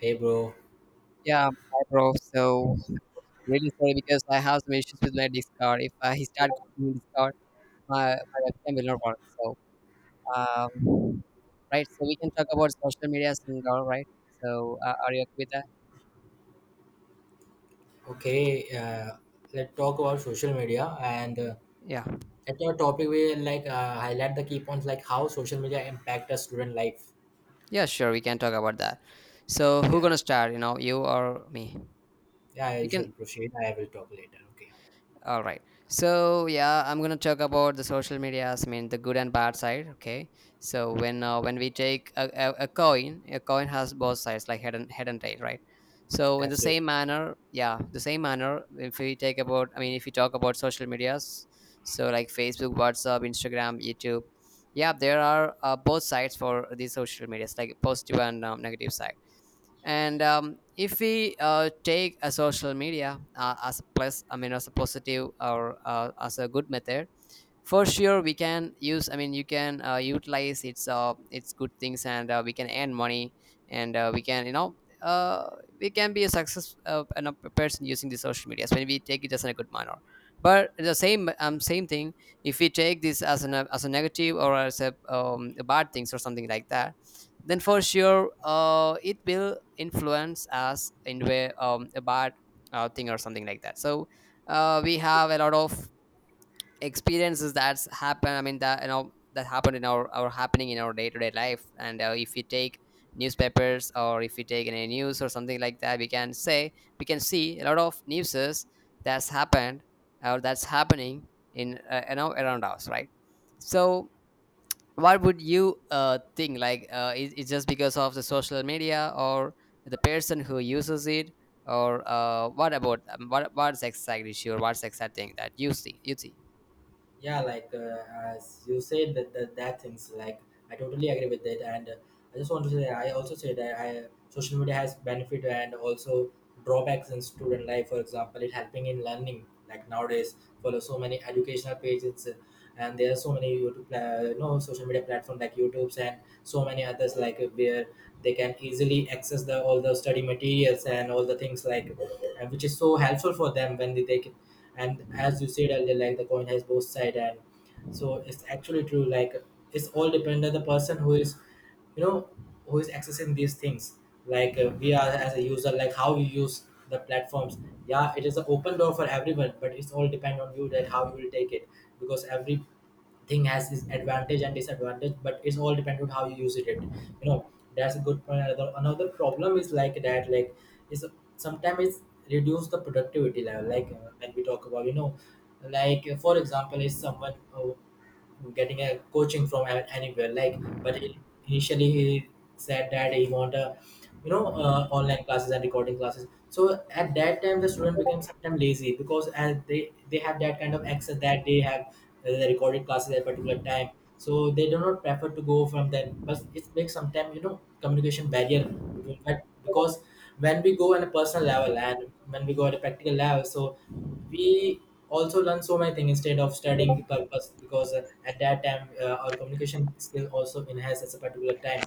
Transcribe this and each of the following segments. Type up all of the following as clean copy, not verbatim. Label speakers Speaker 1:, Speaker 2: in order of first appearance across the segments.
Speaker 1: Hey bro,
Speaker 2: Yeah, hi bro. So really sorry because I have some issues with my Discord. If He start copying Discord, my webcam will not work. Um, right. So we can talk about social medias and all right. So are you okay with that?
Speaker 1: okay, let's talk about social media and
Speaker 2: Yeah.
Speaker 1: at your topic we like highlight the key points like how social media impact a student life.
Speaker 2: Yeah, sure, we can talk about that. So who
Speaker 1: Yeah,
Speaker 2: gonna start? You know, you or me?
Speaker 1: yeah,
Speaker 2: You
Speaker 1: I shall
Speaker 2: can.
Speaker 1: proceed. I will talk later. Okay,
Speaker 2: All right. So yeah, I'm gonna talk about the social medias. I mean, the good and bad side. Okay. So when we take a coin, a coin has both sides, like head and tail, right? So in the same
Speaker 1: absolutely.
Speaker 2: manner, yeah, the same manner. If we take about, I mean, if we talk about social medias, so like Facebook, WhatsApp, Instagram, YouTube, yeah, there are both sides for these social medias, like positive and negative side. And um, if we uh, take a social media as a plus, I mean as a positive or as a good method, for sure we can use, I mean you can utilize its good things, and we can earn money, and uh we can be a success and a person using the social media when we take it as in a good manner. But the same thing, if we take this as an, as a negative or as a bad things or something like that, then for sure it will influence us in way a bad thing or something like that. So we have a lot of experiences that's happened, I mean that you know that happened in our happening in our day-to-day life. And if you take newspapers or if you take any news or something like that, we can say we can see a lot of newses that's happened or that's happening in you know around us, right? So what would you think, like is it just because of the social media or the person who uses it? Or what about what's exactly sure, what's exact thing that you see, you see?
Speaker 1: Yeah, like as you said that things like I totally agree with it and I just want to say I also say that I social media has benefit and also drawbacks in student life. For example, it helping in learning. Like nowadays follow so many educational pages, and there are so many you know, social media platform like YouTube's and so many others, like where they can easily access the all the study materials and all the things, like which is so helpful for them when they and as you said earlier, like the coin has both side. And so it's actually true, like it's all depend on the person who is, you know, who is accessing these things. Like we are as a user, like how you use the platforms. Yeah, it is an open door for everyone, but it's all depend on you that how you will take it, because every thing has its advantage and disadvantage, but it's all dependent on how you use it, you know. That's a good point. Another problem is like that, like is sometimes it's reduce the productivity level, like when we talk about, you know, like for example, is someone getting a coaching from anywhere, like initially he said that he want a, you know, online classes and recording classes. So at that time the student became sometimes lazy, because as they have that kind of access, that they have the recording classes at a particular time, so they do not prefer to go from them. But it makes sometimes, you know, communication barrier between that, because when we go on a personal level and when we go at a practical level, so we also learn so many things instead of studying the purpose, because at that time our communication skill also enhanced at a particular time.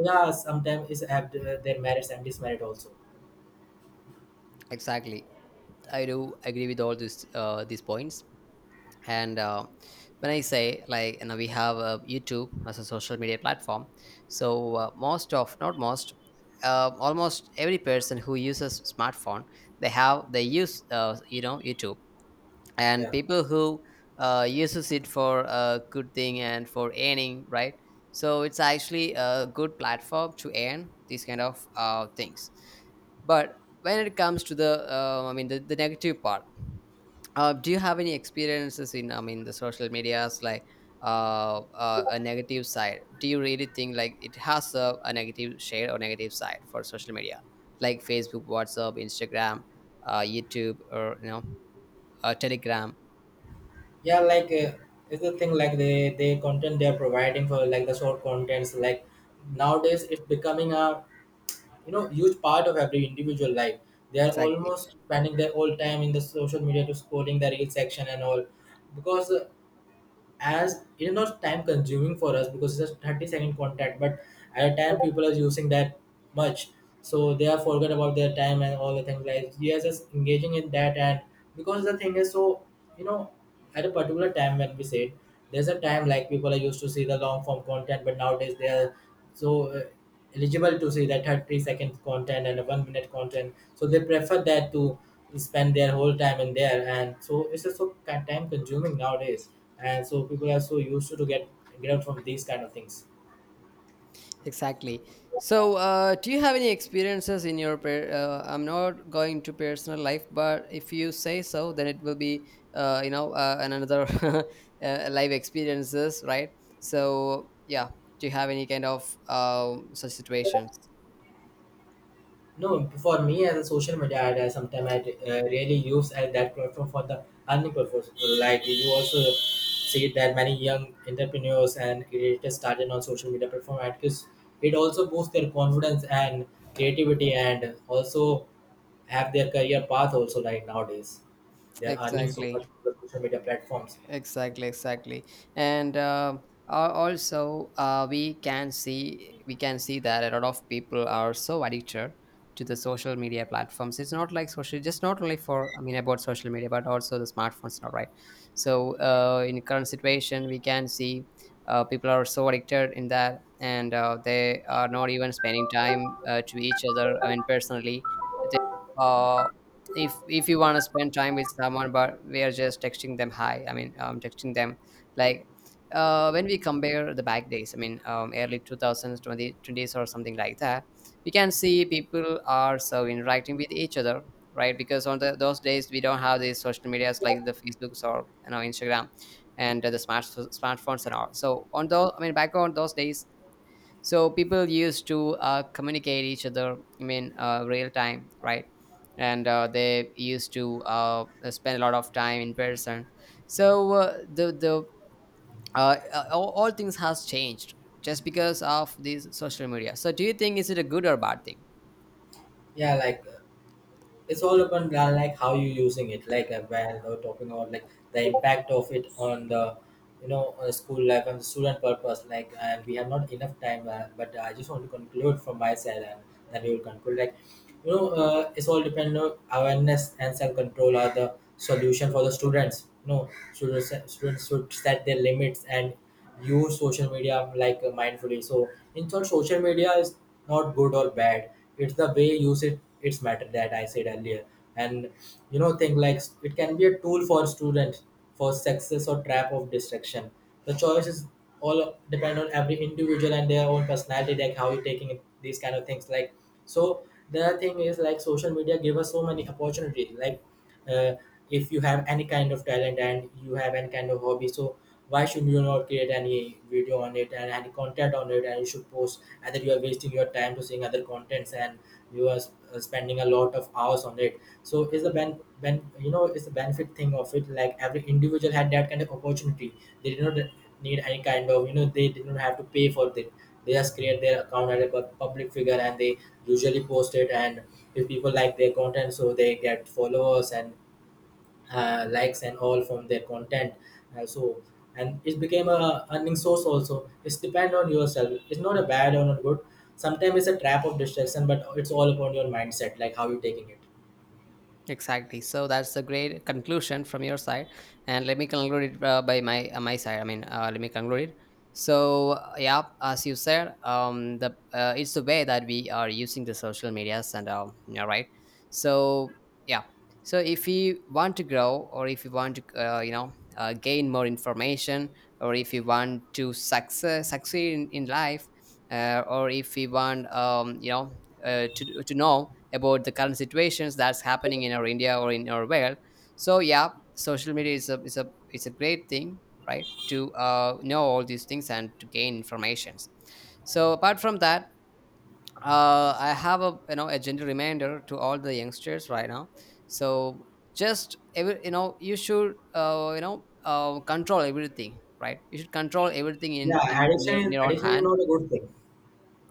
Speaker 1: Yeah, sometimes it's have their merits and dismerit also.
Speaker 2: Exactly. I do agree with all these points. And when I say, like you know, we have YouTube as a social media platform, so most of, not most, almost every person who uses smartphone, they have they use you know YouTube, and
Speaker 1: yeah
Speaker 2: people who uses it for a good thing and for earning, right? So it's actually a good platform to earn these kind of things. But when it comes to the I mean the negative part, do you have any experiences in, I mean the social medias, like a negative side? Do you really think like it has a negative share or negative side for social media, like Facebook, WhatsApp, Instagram, YouTube, or you know, Telegram?
Speaker 1: yeah like uh, it's the thing like they content they are providing for, like the short contents, like nowadays it's becoming a, you know, huge part of every individual life. They are
Speaker 2: Exactly.
Speaker 1: almost spending their whole time in the social media to scrolling the reel section and all, because as it is not time consuming for us, because it's a 30-second contact. But at a time people are using that much, so they are forget about their time and all the things, like they are just engaging in that. And because the thing is so, you know, at a particular time when we said there's a time like people are used to see the long form content, but nowadays they are so eligible to see that 30-second content and a 1 minute content, so they prefer that to spend their whole time in there. And so it's just so time consuming nowadays. And so people are so used to get out from these kind of things.
Speaker 2: Exactly. So, do you have any experiences in your? Per- I'm not going to personal life, but if you say so, then it will be, you know, an- another live experiences, right? So, yeah. Do you have any kind of such situations?
Speaker 1: No, for me, as a social media ad, I sometimes I really use that platform for the earning purpose, like you also see that many young entrepreneurs and creators started on social media platform ad, because it also boosts their confidence and creativity, and also have their career path also, like nowadays they're earning so much
Speaker 2: Exactly.
Speaker 1: from the social media platforms.
Speaker 2: Exactly, exactly. And al- also we can see that a lot of people are so addicted to the social media platforms. It's not like social, just not only for, I mean about social media, but also the smartphones. Not right. So in current situation we can see people are so addicted in that, and they are not even spending time to each other, I mean personally. They uh, if you want to spend time with someone, but we are just texting them hi, I mean texting them, like when we compare the back days, I mean early 2020 20s or something like that, we can see people are so interacting with each other, right? Because on the, those days we don't have these social medias, like the Facebooks or you know Instagram, and the smartphones and all. So on those, I mean back on those days, so people used to communicate each other, I mean real time, right? And they used to spend a lot of time in person. So all things has changed, just because of these social media. So do you think is it a good or bad thing?
Speaker 1: Yeah, like it's all upon like how you using it. Like when we're talking about like the impact of it on the, you know, school life and student purpose, like, and we have not enough time, but I just want to conclude from my side, and then we will conclude. Like, you know, it's all depend on awareness and self-control are the solution for the students, you know. Students should set their limits and use social media like mindfully. So in short, social media is not good or bad. It's the way you use it. It's matter that I said earlier. And, you know, think like it can be a tool for students for success or trap of distraction. The choice is all depend on every individual and their own personality, like how you're taking it, these kind of things. Like, so, the thing is like social media give us so many opportunities. Like uh, if you have any kind of talent and you have any kind of hobby, so why should you not create any video on it and any content on it, and you should post? Either you are wasting your time to seeing other contents and you are spending a lot of hours on it. So is the ben, you know, is the benefit thing of it, like every individual had that kind of opportunity. They did not need any kind of, you know, they did not have to pay for it. They just create their account as a public figure, and they usually post it. And if people like their content, so they get followers and likes and all from their content. So, and it became a earning source also. It's depend on yourself, it's not a bad or not good. Sometimes it's a trap of distraction, but it's all upon your mindset, like how you're taking it.
Speaker 2: Exactly. So that's a great conclusion from your side, and let me conclude it by my side. I mean, let me conclude it. So yeah, as you said, the it's the way that we are using the social medias, and yeah, right. So yeah, so if you want to grow, or if you want to gain more information, or if you want to success, succeed in life, or if you want to know about the current situations that's happening in our India or in our world, so yeah, social media is a it's a great thing, right, to know all these things and to gain informations. So apart from that, I have, a you know, a gentle reminder to all the youngsters right now. So just every, you know, you should control everything, right? You should control everything
Speaker 1: Yeah,
Speaker 2: in in your own
Speaker 1: addiction is
Speaker 2: hand.
Speaker 1: not a good thing.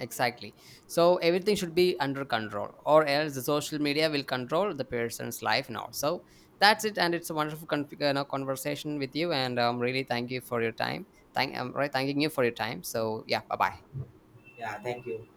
Speaker 2: Exactly. So everything should be under control, or else the social media will control the person's life now. So that's it, and it's a wonderful con- you know, conversation with you, and really thank you for your time. Thank, I'm right, thanking you for your time. So yeah, bye bye.
Speaker 1: Yeah, thank you.